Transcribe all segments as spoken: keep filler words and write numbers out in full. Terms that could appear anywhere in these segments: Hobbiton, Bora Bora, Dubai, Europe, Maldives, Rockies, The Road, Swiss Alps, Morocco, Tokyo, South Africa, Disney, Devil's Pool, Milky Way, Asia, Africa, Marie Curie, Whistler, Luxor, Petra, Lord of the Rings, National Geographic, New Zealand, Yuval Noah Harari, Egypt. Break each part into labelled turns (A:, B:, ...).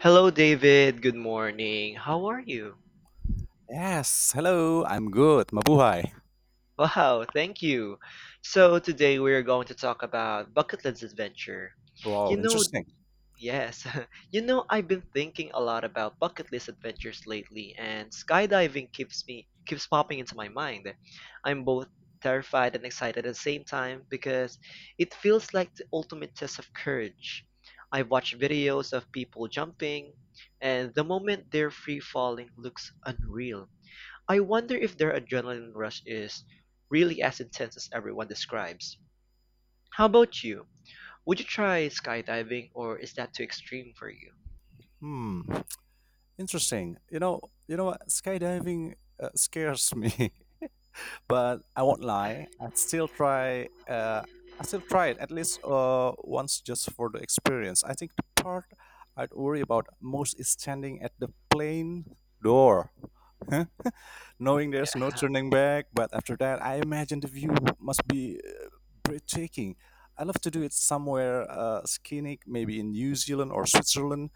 A: Hello, David. Good morning. How are you?
B: Yes, hello, I'm good. Mabuhay.
A: Wow, thank you. So, today we are going to talk about bucket list adventure.
B: Wow,
A: You know,
B: interesting.
A: yes, you know, I've been thinking a lot about bucket list adventures lately, and skydiving keeps me keeps popping into my mind. I'm both terrified and excited at the same time because it feels like the ultimate test of courage. I've watched videos of people jumping, and the moment they're free falling looks unreal. I wonder if their adrenaline rush is really as intense as everyone describes. How about you? Would you try skydiving, or is that too extreme for you?
B: Hmm, interesting. You know, you know what? Skydiving uh, scares me, but I won't lie. I'd still try. Uh, I still try it at least uh, once just for the experience. I think the part I'd worry about most is standing at the plane door. Knowing there's no turning back. But after that, I imagine the view must be uh, breathtaking. I love to do it somewhere uh, scenic, maybe in New Zealand or Switzerland,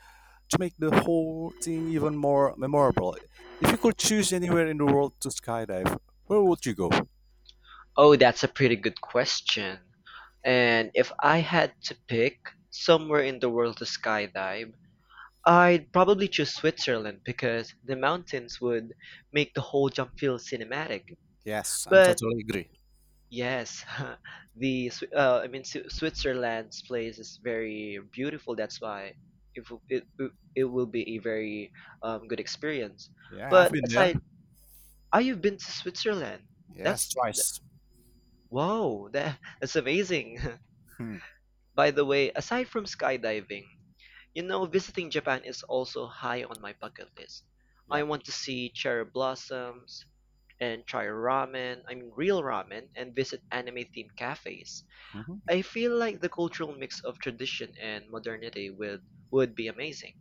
B: to make the whole thing even more memorable. If you could choose anywhere in the world to skydive, where would you go?
A: Oh, that's a pretty good question. And if I had to pick somewhere in the world to skydive, I'd probably choose Switzerland because the mountains would make the whole jump feel cinematic.
B: Yes, I'm
A: But
B: totally agree.
A: yes, the Swi- uh, I mean Swi- Switzerland's place is very beautiful. That's why it w- it w- it will be a very um, good experience.
B: Yeah, I've
A: But
B: been there.
A: aside, oh, you've been to Switzerland.
B: Yes,
A: That's
B: twice.
A: wow, that that's amazing.
B: Hmm.
A: By the way, aside from skydiving, you know, visiting Japan is also high on my bucket list. I
B: Yep.
A: want to see cherry blossoms and try ramen. I mean, real ramen, and visit anime-themed cafes.
B: Hmm.
A: I feel like the cultural mix of tradition and modernity would would be amazing.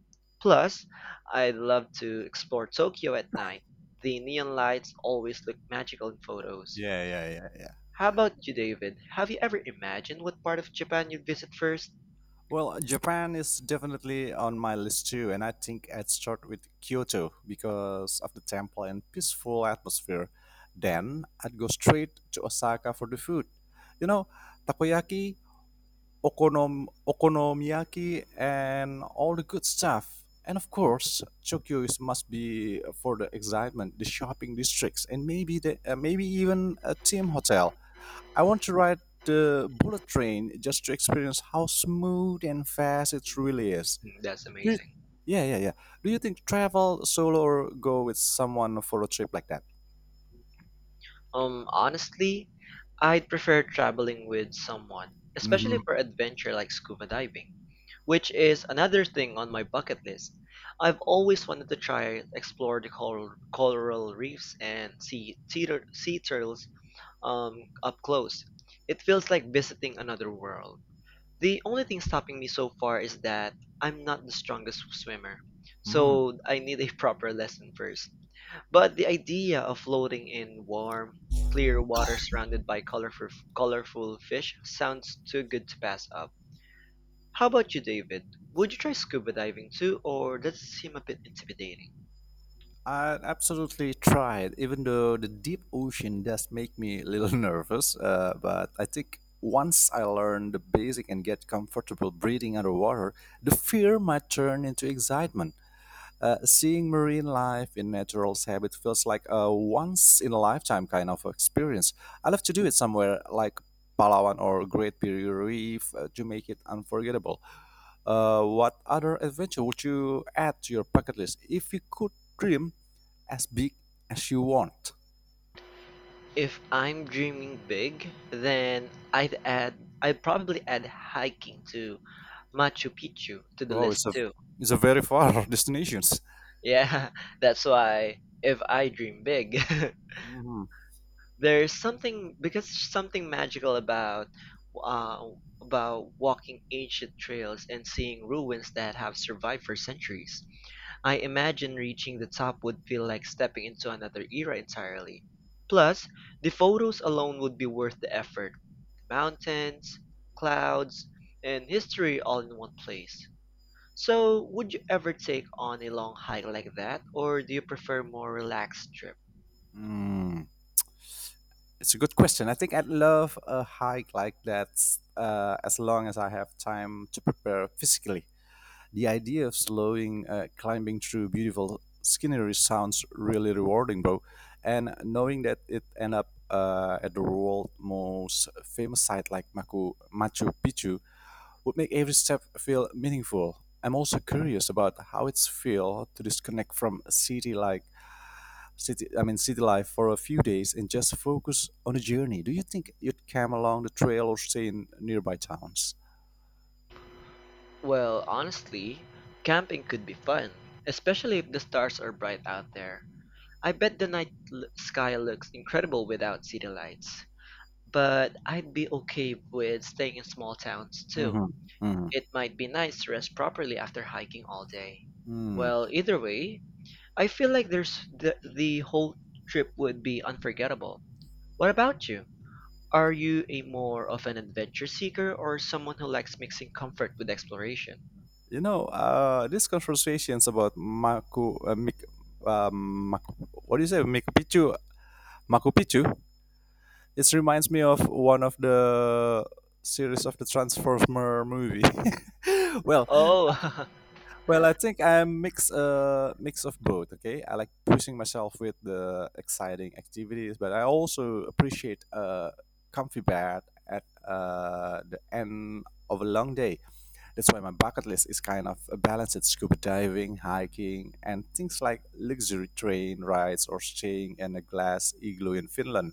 A: Plus, I'd love to explore Tokyo at night. The neon lights always look magical in photos.
B: Yeah, yeah, yeah, yeah.
A: How about you, David? Have you ever imagined what part of Japan you'd visit first?
B: Well, Japan is definitely on my list too, and I think I'd start with Kyoto because of the temple and peaceful atmosphere. Then I'd go straight to Osaka for the food. You know, takoyaki, okonom- okonomiyaki, and all the good stuff. And of course, Tokyo is must be for the excitement, the shopping districts, and maybe the uh, maybe even a team hotel. I want to ride the bullet train just to experience how smooth and fast it really is.
A: Hmm, that's
B: Do you,
A: amazing.
B: yeah, yeah, yeah. Do you think travel solo or go with someone for a trip like that?
A: Um, honestly, I'd prefer traveling with someone, especially for
B: Hmm.
A: adventure like scuba diving, which is another thing on my bucket list. I've always wanted to try explore the coral, coral reefs and see sea, tur- sea turtles um, up close. It feels like visiting another world. The only thing stopping me so far is that I'm not the strongest swimmer, so I need a proper lesson first. But the idea of floating in warm, clear water surrounded by colorful colorful fish sounds too good to pass up. How about you, David? Would you try scuba diving too, or does it seem a bit intimidating?
B: I absolutely tried, even though the deep ocean does make me a little nervous. Uh, but I think once I learn the basic and get comfortable breathing underwater, the fear might turn into excitement. Uh, seeing marine life in natural habit feels like a once in a lifetime kind of experience. I love to do it somewhere like Palawan or Great Barrier Reef uh, to make it unforgettable. Uh, what other adventure would you add to your bucket list if you could dream as big as you want?
A: If I'm dreaming big, then I'd add I'd probably add hiking to Machu Picchu to the
B: Wow,
A: list
B: it's a
A: too.
B: it's a very far destinations.
A: Yeah, that's why if I dream big.
B: Mhm.
A: There's something, because something magical about uh, about walking ancient trails and seeing ruins that have survived for centuries. I imagine reaching the top would feel like stepping into another era entirely. Plus, the photos alone would be worth the effort. The mountains, clouds, and history all in one place. So, would you ever take on a long hike like that, or do you prefer more relaxed trips?
B: Mm. It's a good question. I think I'd love a hike like that uh, as long as I have time to prepare physically. The idea of slowing, uh, climbing through beautiful scenery sounds really rewarding, bro. And knowing that it end up uh, at the world's most famous site like Machu, Machu Picchu would make every step feel meaningful. I'm also curious about how it's feel to disconnect from a city like city I mean city life for a few days and just focus on the journey. Do you think you'd come along the trail or stay in nearby towns?
A: Well, honestly, camping could be fun, especially if the stars are bright out there. I bet the night l- sky looks incredible without city lights. But I'd be okay with staying in small towns too.
B: Hmm. Hmm.
A: It might be nice to rest properly after hiking all day.
B: Mm.
A: Well, either way, I feel like there's the, the whole trip would be unforgettable. What about you? Are you a more of an adventure seeker, or someone who likes mixing comfort with exploration?
B: You know, uh, these conversations about Maku, uh, Mik, um, Maku, what do you say, Machu Picchu, Machu Picchu, it reminds me of one of the series of the Transformer movie. well,
A: Oh,
B: well, I think I'm mix uh mix of both. Okay, I like pushing myself with the exciting activities, but I also appreciate uh comfy bed at uh the end of a long day. That's why my bucket list is kind of a balance: it's scuba diving, hiking, and things like luxury train rides or staying in a glass igloo in Finland.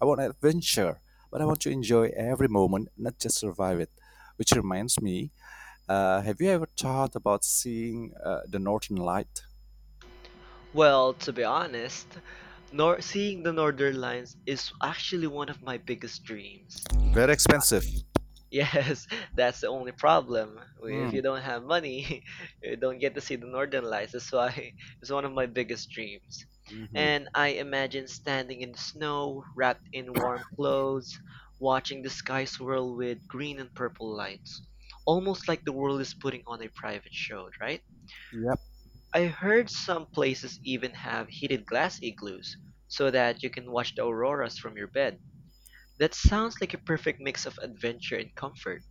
B: I want adventure, but I want to enjoy every moment, not just survive it. Which reminds me, uh, have you ever thought about seeing uh, the Northern Light?
A: well, to be honest, nor seeing the Northern Lights is actually one of my biggest dreams.
B: Very expensive.
A: Yes, that's the only problem. If you don't have money, you don't get to see the Northern Lights. That's why it's one of my biggest dreams.
B: Mm-hmm.
A: And I imagine standing in the snow, wrapped in warm clothes, watching the sky swirl with green and purple lights. Almost like the world is putting on a private show, right?
B: Yep.
A: I heard some places even have heated glass igloos, so that you can watch the auroras from your bed. That sounds like a perfect mix of adventure and comfort.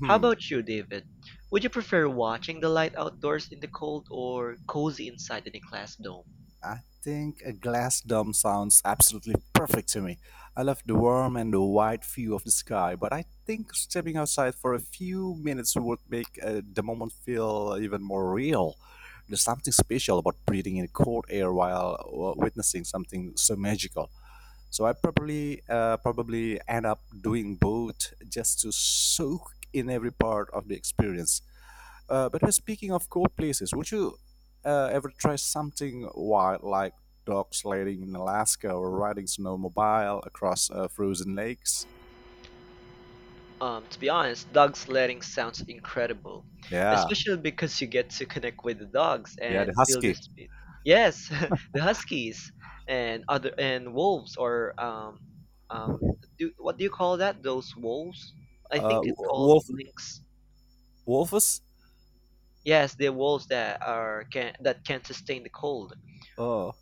A: How about you, David? Would you prefer watching the light outdoors in the cold, or cozy inside in a glass dome?
B: I think a glass dome sounds absolutely perfect to me. I love the warm and the wide view of the sky, but I think stepping outside for a few minutes would make uh, the moment feel even more real. There's something special about breathing in cold air while uh, witnessing something so magical. So I probably uh, probably end up doing both just to soak in every part of the experience. Uh, but we're speaking of cool places, would you uh, ever try something wild like dog sledding in Alaska or riding snowmobile across uh, frozen lakes?
A: Um, to be honest, dog sledding sounds incredible,
B: Yeah,
A: especially because you get to connect with the dogs
B: yeah, the
A: and feel the
B: husky,
A: speed. Yes, the huskies and other and wolves or um um do, what do you call that? Those wolves? I
B: uh,
A: think it's
B: w-
A: called
B: wolf,
A: lynx.
B: wolfus.
A: Yes, the wolves that are can that can sustain the cold.
B: Oh,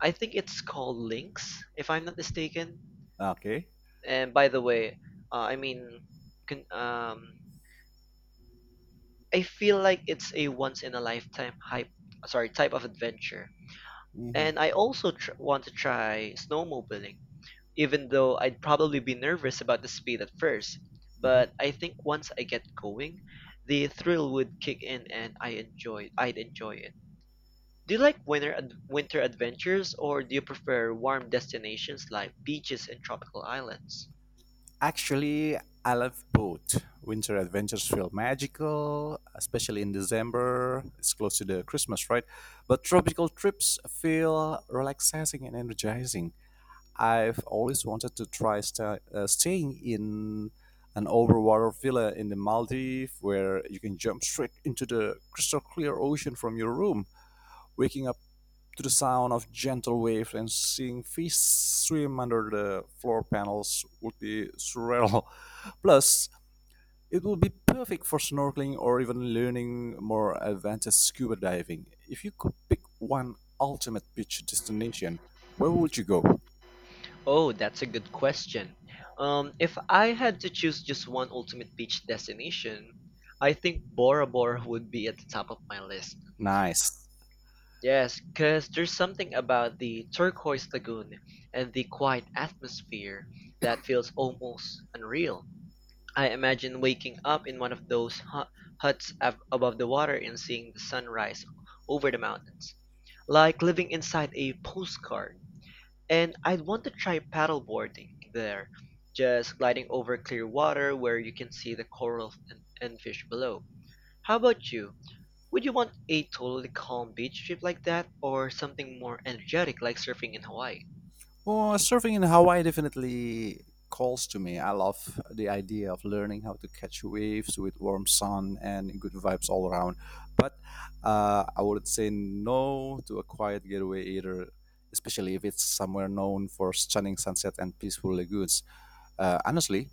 A: I think it's called lynx, if I'm not mistaken.
B: okay.
A: And by the way, uh, I mean, con um, I feel like it's a once in a lifetime hype, sorry, type of adventure.
B: Hmm.
A: And I also tr- want to try snowmobiling, even though I'd probably be nervous about the speed at first. But
B: Hmm.
A: I think once I get going, the thrill would kick in and I enjoy I'd enjoy it. Do you like winter ad- winter adventures, or do you prefer warm destinations like beaches and tropical islands?
B: Actually, I love both. Winter adventures feel magical, especially in December. It's close to the Christmas, right? But tropical trips feel relaxing and energizing. I've always wanted to try sta uh, staying in an overwater villa in the Maldives where you can jump straight into the crystal clear ocean from your room, waking up to the sound of gentle waves and seeing fish swim under the floor panels would be surreal. Plus, it would be perfect for snorkeling or even learning more advanced scuba diving. If you could pick one ultimate beach destination, where would you go?
A: Oh, that's a good question. Um, if I had to choose just one ultimate beach destination, I think Bora Bora would be at the top of my list.
B: Nice.
A: Yes, because there's something about the turquoise lagoon and the quiet atmosphere that feels almost unreal. I imagine waking up in one of those hu- huts ab- above the water, and seeing the sunrise over the mountains, like living inside a postcard. And I'd want to try paddleboarding there, just gliding over clear water where you can see the coral and, and fish below. How about you? Would you want a totally calm beach trip like that, or something more energetic like surfing in Hawaii?
B: Well, surfing in Hawaii definitely calls to me. I love the idea of learning how to catch waves with warm sun and good vibes all around. But uh, I would say no to a quiet getaway either, especially if it's somewhere known for stunning sunset and peaceful lagoons. Uh, honestly,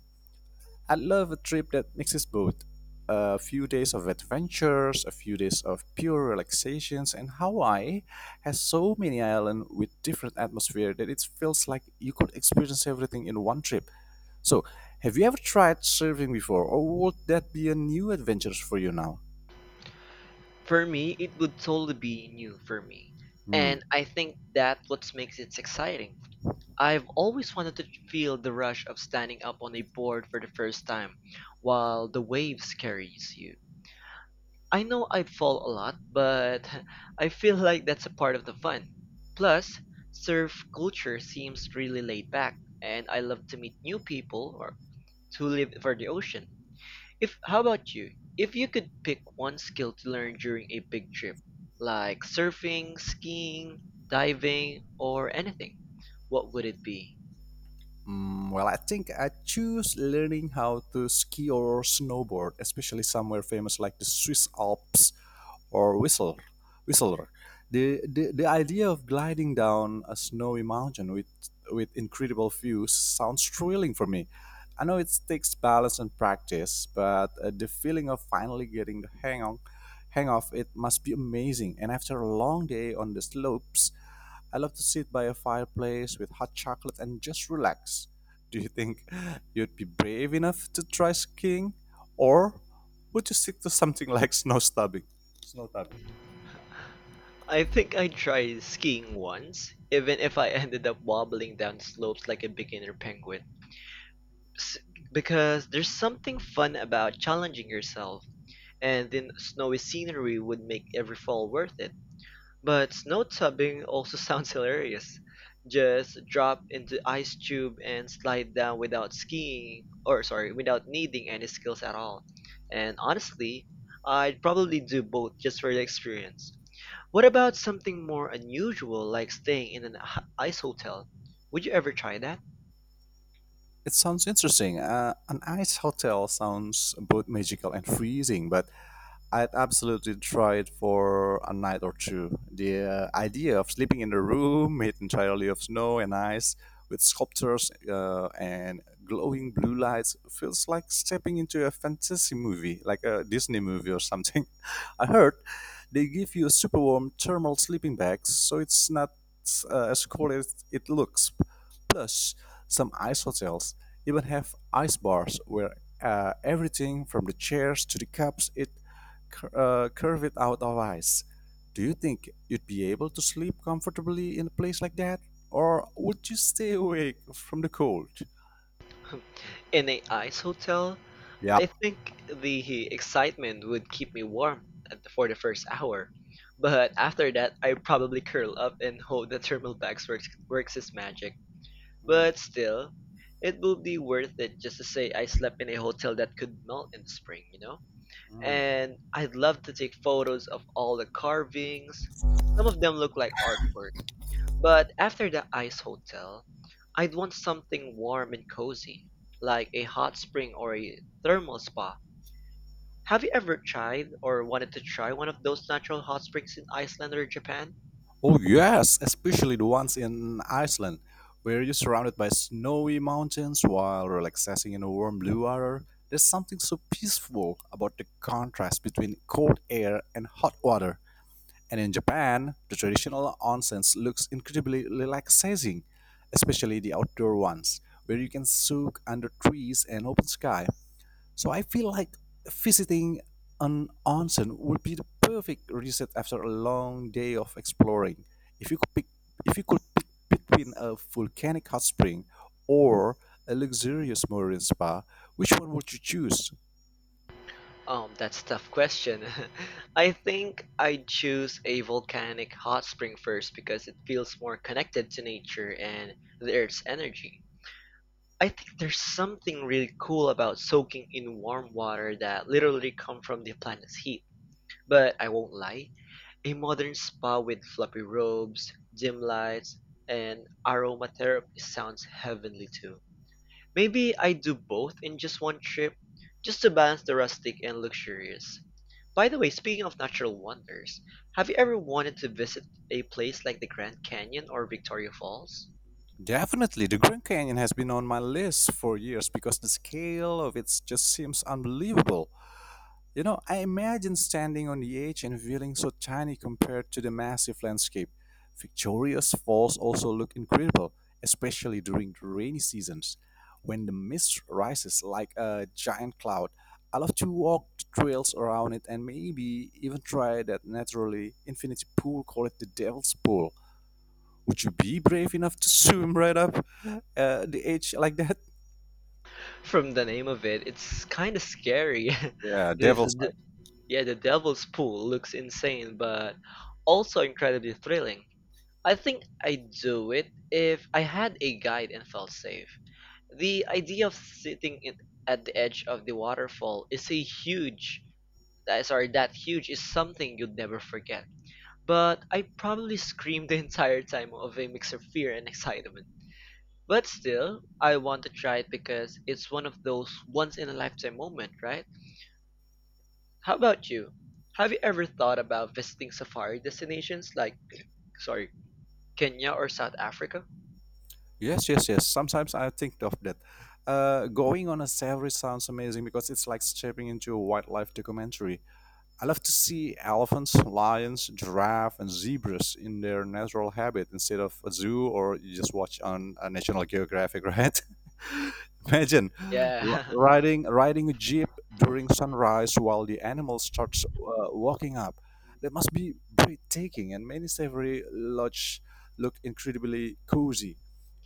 B: I love a trip that mixes both. A few days of adventures, a few days of pure relaxations, and Hawaii has so many islands with different atmosphere that it feels like you could experience everything in one trip. So, have you ever tried surfing before, or would that be a new adventure for you now?
A: For me, it would totally be new for me.
B: Hmm.
A: And I think that's what makes it exciting. I've always wanted to feel the rush of standing up on a board for the first time while the waves carries you. I know I fall a lot, but I feel like that's a part of the fun. Plus, surf culture seems really laid back, and I love to meet new people or to live for the ocean. If how about you? If you could pick one skill to learn during a big trip, like surfing, skiing, diving, or anything, what would it be?
B: Mm, well, I think I choose learning how to ski or snowboard, especially somewhere famous like the Swiss Alps. or whistle, whistler. The, the, the idea of gliding down a snowy mountain with, with incredible views sounds thrilling for me. I know it takes balance and practice, but uh, the feeling of finally getting the hang on, hang of it must be amazing. And after a long day on the slopes, I love to sit by a fireplace with hot chocolate and just relax. Do you think you'd be brave enough to try skiing, or would you stick to something like snow stubbing?
A: I think I tried skiing once, even if I ended up wobbling down slopes like a beginner penguin. s- because there's something fun about challenging yourself, and then snowy scenery would make every fall worth it. But snow tubbing also sounds hilarious. Just drop into ice tube and slide down without skiing, or sorry, without needing any skills at all. And honestly, I'd probably do both just for the experience. What about something more unusual, like staying in an h- ice hotel? Would you ever try that?
B: It sounds interesting. Uh, an ice hotel sounds both magical and freezing, but I'd absolutely try it for a night or two. The uh, idea of sleeping in a room made entirely of snow and ice, with sculptures uh, and glowing blue lights, feels like stepping into a fantasy movie, like a Disney movie or something. I heard they give you a super warm thermal sleeping bag, so it's not uh, as cold as it looks. Plus, some ice hotels even have ice bars where uh, everything from the chairs to the cups it cur- uh, curve it out of ice. Do you think you'd be able to sleep comfortably in a place like that? Or would you stay awake from the cold?
A: In a ice hotel? I
B: Yep.
A: think the excitement would keep me warm at the, for the first hour, but after that, I probably curl up and hope the thermal bags works works its magic. But still, it would be worth it just to say I slept in a hotel that could melt in the spring, you know? And I'd love to take photos of all the carvings. Some of them look like artwork. But after the ice hotel, I'd want something warm and cozy, like a hot spring or a thermal spa. Have you ever tried or wanted to try one of those natural hot springs in Iceland or Japan?
B: Oh, yes, especially the ones in Iceland, where you're surrounded by snowy mountains while relaxing in a warm blue water. There's something so peaceful about the contrast between cold air and hot water. And in Japan, the traditional onsens looks incredibly relaxing, especially the outdoor ones, where you can soak under trees and open sky. So I feel like visiting an onsen would be the perfect reset after a long day of exploring. If you could pick, if you could pick between a volcanic hot spring or a luxurious marine spa, which one would you choose?
A: Um, that's a tough question. I think I'd choose a volcanic hot spring first because it feels more connected to nature and the Earth's energy. I think there's something really cool about soaking in warm water that literally come from the planet's heat. But I won't lie, a modern spa with fluffy robes, dim lights, and aromatherapy sounds heavenly too. Maybe I do both in just one trip, just to balance the rustic and luxurious. By the way, speaking of natural wonders, have you ever wanted to visit a place like the Grand Canyon or Victoria Falls?
B: Definitely, the Grand Canyon has been on my list for years because the scale of it just seems unbelievable. You know, I imagine standing on the edge and feeling so tiny compared to the massive landscape. Victoria's Falls also look incredible, especially during the rainy seasons when the mist rises like a giant cloud. I love to walk the trails around it and maybe even try that naturally infinity pool called it the Devil's Pool. Would you be brave enough to swim right up? Uh, the age like that.
A: From the name of it, it's kind of scary.
B: Yeah,
A: this,
B: devil's side.
A: yeah, the Devil's Pool looks insane, but also incredibly thrilling. I think I'd do it if I had a guide and felt safe. The idea of sitting in, at the edge of the waterfall is a huge, that- sorry, that huge is something you'd never forget. But I probably screamed the entire time of a mix of fear and excitement. But still, I want to try it because it's one of those once in a lifetime moment, right? How about you? Have you ever thought about visiting safari destinations like, sorry, Kenya or South Africa?
B: Yes, yes, yes. Sometimes I think of that. Uh, going on a safari sounds amazing because it's like stepping into a wildlife documentary. I love to see elephants, lions, giraffe, and zebras in their natural habitat instead of a zoo or you just watch on uh, National Geographic, right? Imagine r-
A: Yeah.
B: riding riding a jeep during sunrise while the animal starts uh, walking up. That must be breathtaking, and many savory lodges look incredibly cozy,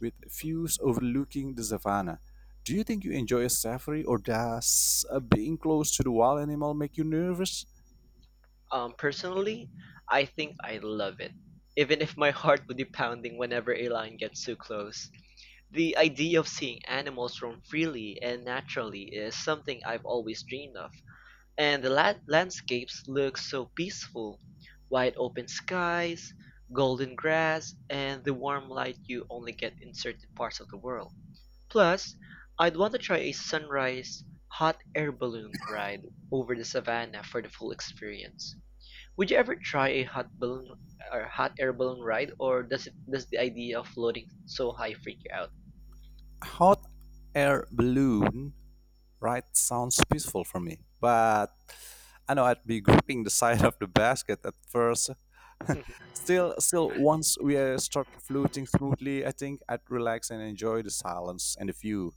B: with views overlooking the savannah. Do you think you enjoy a safari, or does uh, being close to the wild animal make you nervous?
A: Um, personally, I think I love it, even if my heart would be pounding whenever a lion gets too close. The idea of seeing animals roam freely and naturally is something I've always dreamed of, and the la- landscapes look so peaceful. Wide open skies, golden grass, and the warm light you only get in certain parts of the world. Plus, I'd want to try a sunrise hot air balloon ride over the savannah for the full experience. Would you ever try a hot balloon or hot air balloon ride, or does it does the idea of floating so high freak you out?
B: Hot air balloon ride sounds peaceful for me, but I know I'd be gripping the side of the basket at first. still, still, once we uh, start floating smoothly, I think I'd relax and enjoy the silence and the view.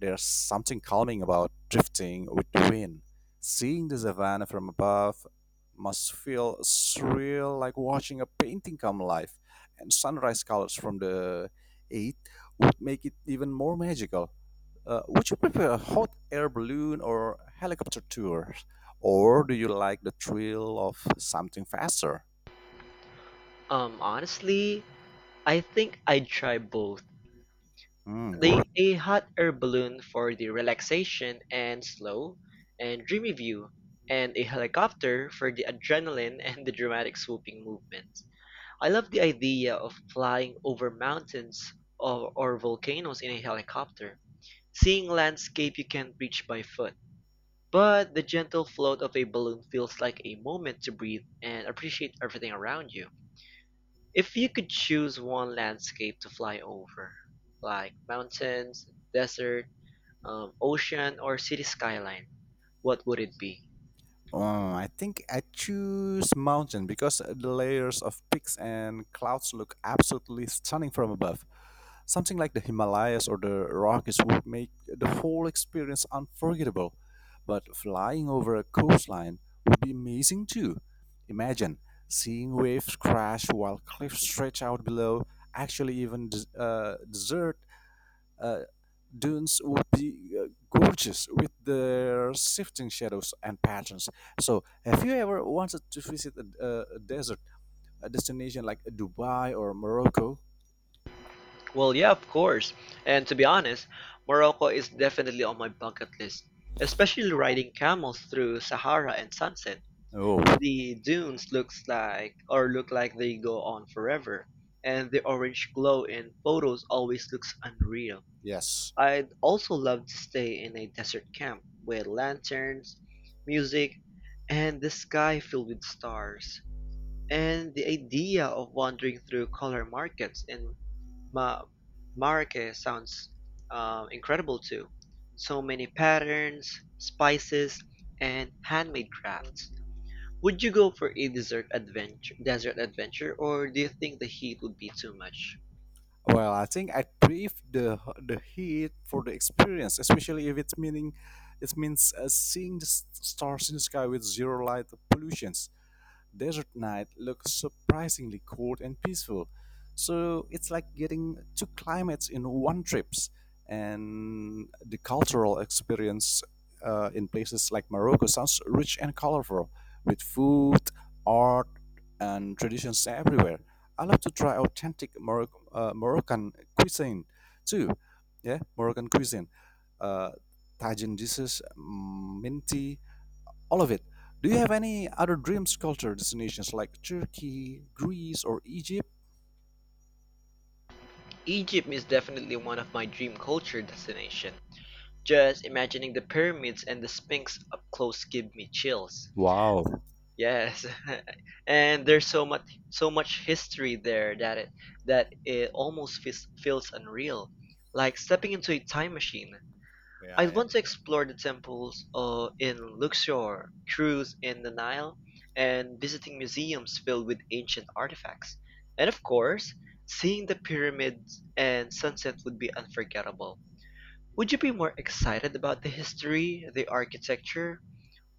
B: There's something calming about drifting with the wind. Seeing the savannah from above must feel surreal, like watching a painting come alive. And sunrise colors from the eight would make it even more magical. Uh, would you prefer a hot air balloon or helicopter tours? Or do you like the thrill of something faster?
A: Um, honestly, I think I'd try both.
B: Hmm, go.
A: The a hot air balloon for the relaxation and slow and dreamy view, and a helicopter for the adrenaline and the dramatic swooping movements. I love the idea of flying over mountains or, or volcanoes in a helicopter, seeing landscape you can't reach by foot. But the gentle float of a balloon feels like a moment to breathe and appreciate everything around you. If you could choose one landscape to fly over, like mountains, desert, um, ocean, or city skyline, what would it be?
B: Oh, I think I choose mountain because the layers of peaks and clouds look absolutely stunning from above. Something like the Himalayas or the Rockies would make the whole experience unforgettable. But flying over a coastline would be amazing too. Imagine seeing waves crash while cliffs stretch out below. Actually, even des- uh, desert uh, dunes would be uh, gorgeous with their shifting shadows and patterns. So, have you ever wanted to visit a, a a desert a destination like Dubai or Morocco?
A: Well, yeah, of course. And to be honest, Morocco is definitely on my bucket list, especially riding camels through Sahara and sunset.
B: Oh,
A: The dunes looks like or look like they go on forever, and the orange glow in photos always looks unreal.
B: yes.
A: I'd also love to stay in a desert camp with lanterns, music, and the sky filled with stars. And the idea of wandering through color markets in Ma Marrakech sounds uh, incredible too. So many patterns, spices, and handmade crafts. Would you go for a desert adventure, desert adventure, or do you think the heat would be too much?
B: Well, I think I crave the the heat for the experience, especially if it's meaning it means uh, seeing the s- stars in the sky with zero light pollution. Desert night look surprisingly cold and peaceful. So it's like getting two climates in one trip. And the cultural experience uh, in places like Morocco sounds rich and colorful, with food, art, and traditions everywhere. I love to try authentic Moroc- uh, Moroccan cuisine too. Yeah, Moroccan cuisine. Uh, Tajin dishes, mm, minty, all of it. Do you have any other dream culture destinations like Turkey, Greece, or Egypt?
A: Egypt is definitely one of my dream culture destination. Just imagining the pyramids and the Sphinx up close give me chills.
B: Wow.
A: Yes, and there's so much so much history there that it that it almost feels, feels unreal, like stepping into a time machine. I want to explore the temples uh, in Luxor, cruise in the Nile, and visiting museums filled with ancient artifacts. And of course, seeing the pyramids and sunset would be unforgettable. Would you be more excited about the history, the architecture,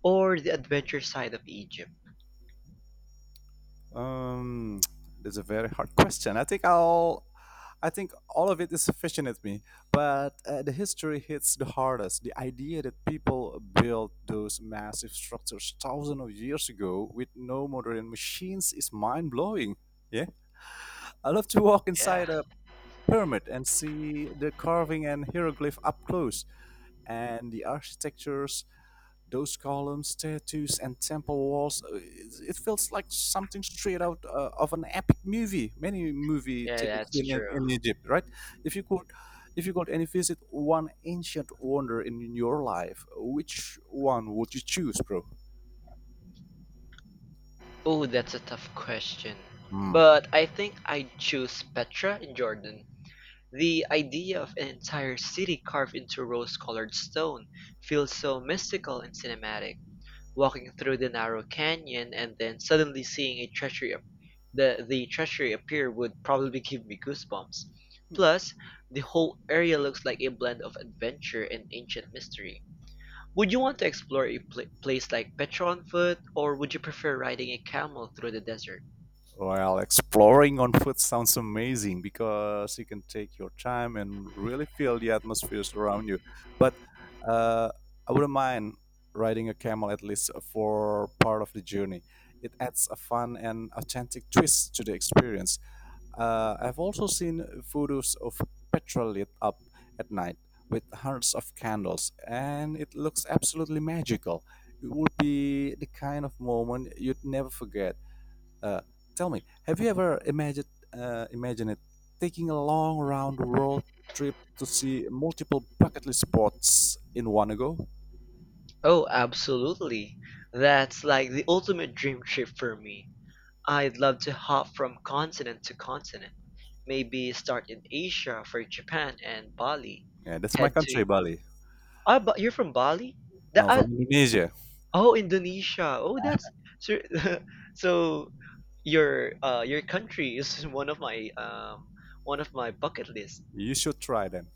A: or the adventure side of Egypt?
B: Um, that's a very hard question. I think I'll. I think all of it is fascinates me, but uh, the history hits the hardest. The idea that people built those massive structures thousands of years ago with no modern machines is mind blowing. Yeah, I love to walk
A: Yeah.
B: inside a pyramid and see the carving and hieroglyph up close, and the architecture. Those columns, statues, and temple walls, uh, it it feels like something straight out uh, of an epic movie. Many movie
A: Yeah,
B: taken
A: that's
B: in, in
A: true.
B: in Egypt, right? If you could, if you could only visit one ancient wonder in your life, which one would you choose, bro?
A: Oh, that's a tough question.
B: Hmm.
A: But I think I'd choose Petra in Jordan. The idea of an entire city carved into rose-colored stone feels so mystical and cinematic. Walking through the narrow canyon and then suddenly seeing a treasury ap- the the treasury appear would probably give me goosebumps. Plus, the whole area looks like a blend of adventure and ancient mystery. Would you want to explore a pla place like Petra on foot, or would you prefer riding a camel through the desert?
B: Well, exploring on foot sounds amazing because you can take your time and really feel the atmospheres around you. But uh, I wouldn't mind riding a camel at least for part of the journey. It adds a fun and authentic twist to the experience. Uh, I've also seen photos of petrol lit up at night with hundreds of candles, and it looks absolutely magical. It would be the kind of moment you'd never forget uh, Tell me, have you ever imagined uh, imagine it taking a long round world trip to see multiple bucket list spots in one go?
A: Oh, absolutely. That's like the ultimate dream trip for me. I'd love to hop from continent to continent. Maybe start in Asia for Japan and Bali.
B: Yeah, that's my
A: Head to
B: country, Bali.
A: Ah, but you're from Bali? That
B: No,
A: uh,
B: from Indonesia.
A: Oh, Indonesia. Oh, that's so. So your uh your country is one of my um one of my bucket list.
B: You should try them.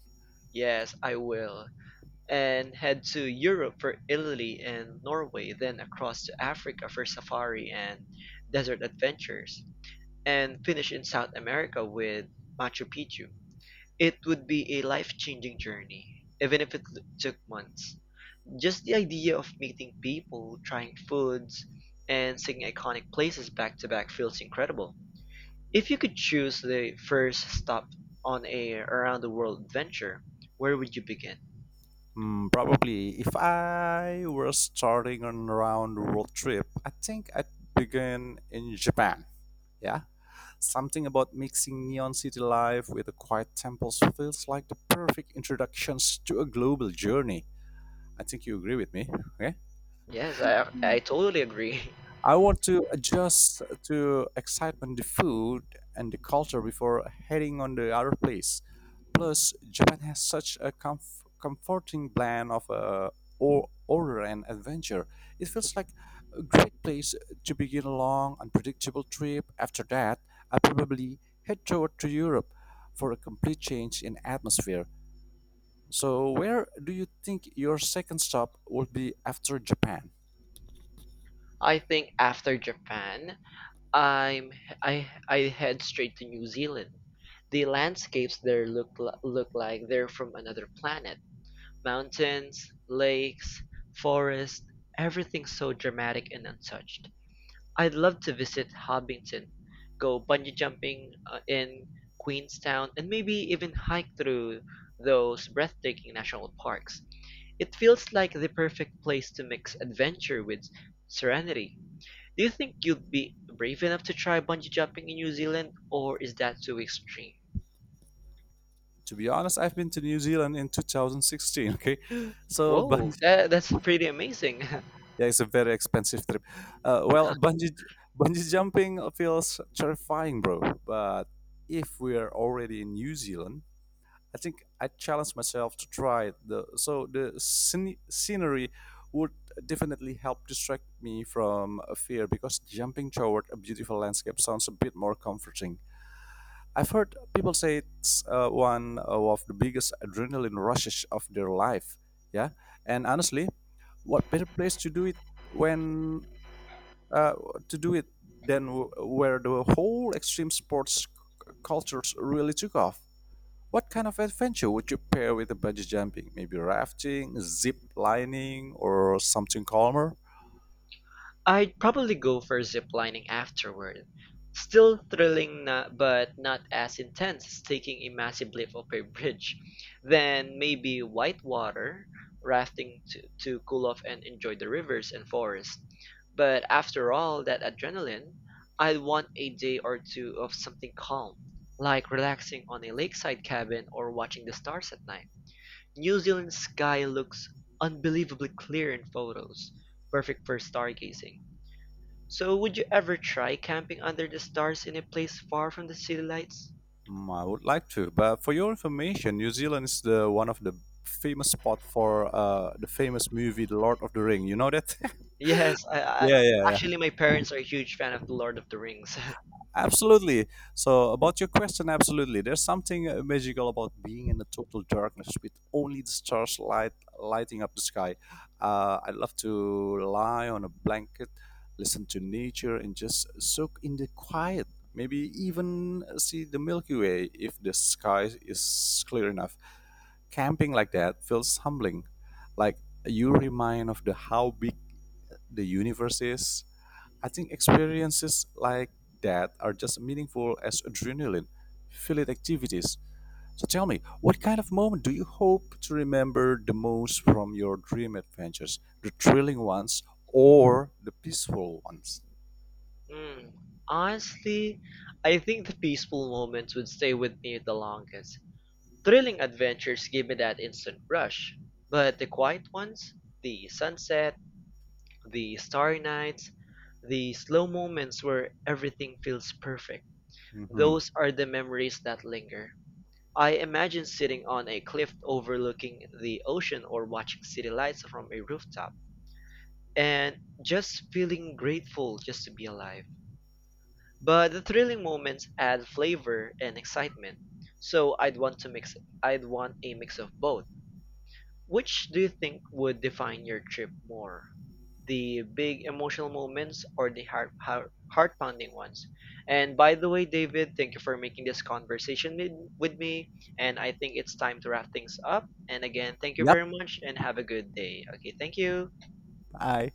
A: Yes, I will. And head to Europe for Italy and Norway, then across to Africa for safari and desert adventures, and finish in South America with Machu Picchu. It would be a life-changing journey, even if it took months. Just the idea of meeting people, trying foods, and seeing iconic places back to back feels incredible. If you could choose the first stop on a around the world adventure, where would you begin?
B: Hmm, probably if I were starting on round road trip, I think I'd begin in Japan. Yeah, something about mixing neon city life with the quiet temples feels like the perfect introductions to a global journey. I think you agree with me, okay?
A: Yes, I I totally agree.
B: I want to adjust to excitement, the food, and the culture before heading on the other place. Plus, Japan has such a comf- comforting blend of uh, or- order and adventure. It feels like a great place to begin a long, unpredictable trip. After that, I probably head toward to Europe for a complete change in atmosphere. So, where do you think your second stop will be after Japan?
A: I think after Japan, I'm I I head straight to New Zealand. The landscapes there look li- look like they're from another planet. Mountains, lakes, forest, everything so dramatic and untouched. I'd love to visit Hobbiton, go bungee jumping uh, in Queenstown, and maybe even hike through those breathtaking national parks. It feels like the perfect place to mix adventure with serenity. Do you think you'd be brave enough to try bungee jumping in New Zealand, or is that too extreme?
B: To be honest, I've been to New Zealand in two thousand sixteen. Okay, so
A: Whoa,
B: bungee,
A: that that's pretty amazing.
B: yeah, it's a very expensive trip. Uh, well, bungee bungee jumping feels terrifying, bro. But if we are already in New Zealand, I think I challenged myself to try it. The, so the scene, scenery would definitely help distract me from a fear because jumping toward a beautiful landscape sounds a bit more comforting. I've heard people say it's uh, one of the biggest adrenaline rushes of their life. Yeah, and honestly, what better place to do it when uh, to do it than w- where the whole extreme sports c- cultures really took off? What kind of adventure would you pair with the bungee jumping? Maybe rafting, zip lining, or something calmer?
A: I'd probably go for ziplining afterward. Still thrilling na, but not as intense as taking a massive leap off a bridge. Then maybe whitewater rafting to, to cool off and enjoy the rivers and forests. But after all that adrenaline, I want a day or two of something calm, like relaxing on a lakeside cabin or watching the stars at night. New Zealand's sky looks unbelievably clear in photos, perfect for stargazing. So, would you ever try camping under the stars in a place far from the city lights?
B: Mm, I would like to, but for your information, New Zealand is the one of the famous spot for uh, the famous movie The Lord of the Ring. You know that?
A: Yes, I, I
B: Yeah, yeah, yeah.
A: actually my parents are a huge fan of The Lord of the Rings.
B: Absolutely. So, about your question, absolutely. There's something uh, magical about being in the total darkness with only the stars light lighting up the sky. Uh, I love to lie on a blanket, listen to nature, and just soak in the quiet. Maybe even see the Milky Way if the sky is clear enough. Camping like that feels humbling. Like, you remind of the how big the universe is. I think experiences like that are just meaningful as adrenaline, filled activities. So tell me, what kind of moment do you hope to remember the most from your dream adventures? The thrilling ones or the peaceful ones?
A: Mm, honestly, I think the peaceful moments would stay with me the longest. Thrilling adventures give me that instant rush, but the quiet ones, the sunset, the starry nights, the slow moments where everything feels perfect,
B: Hmm.
A: those are the memories that linger. I imagine sitting on a cliff overlooking the ocean or watching city lights from a rooftop and just feeling grateful just to be alive. But the thrilling moments add flavor and excitement. So I'd want to mix I'd want a mix of both. Which do you think would define your trip more, the big emotional moments or the heart heart heart pounding ones? And by the way, David, thank you for making this conversation with, with me. And I think it's time to wrap things up. And again, thank you
B: Yep,
A: very much and have a good day. Okay, thank you.
B: I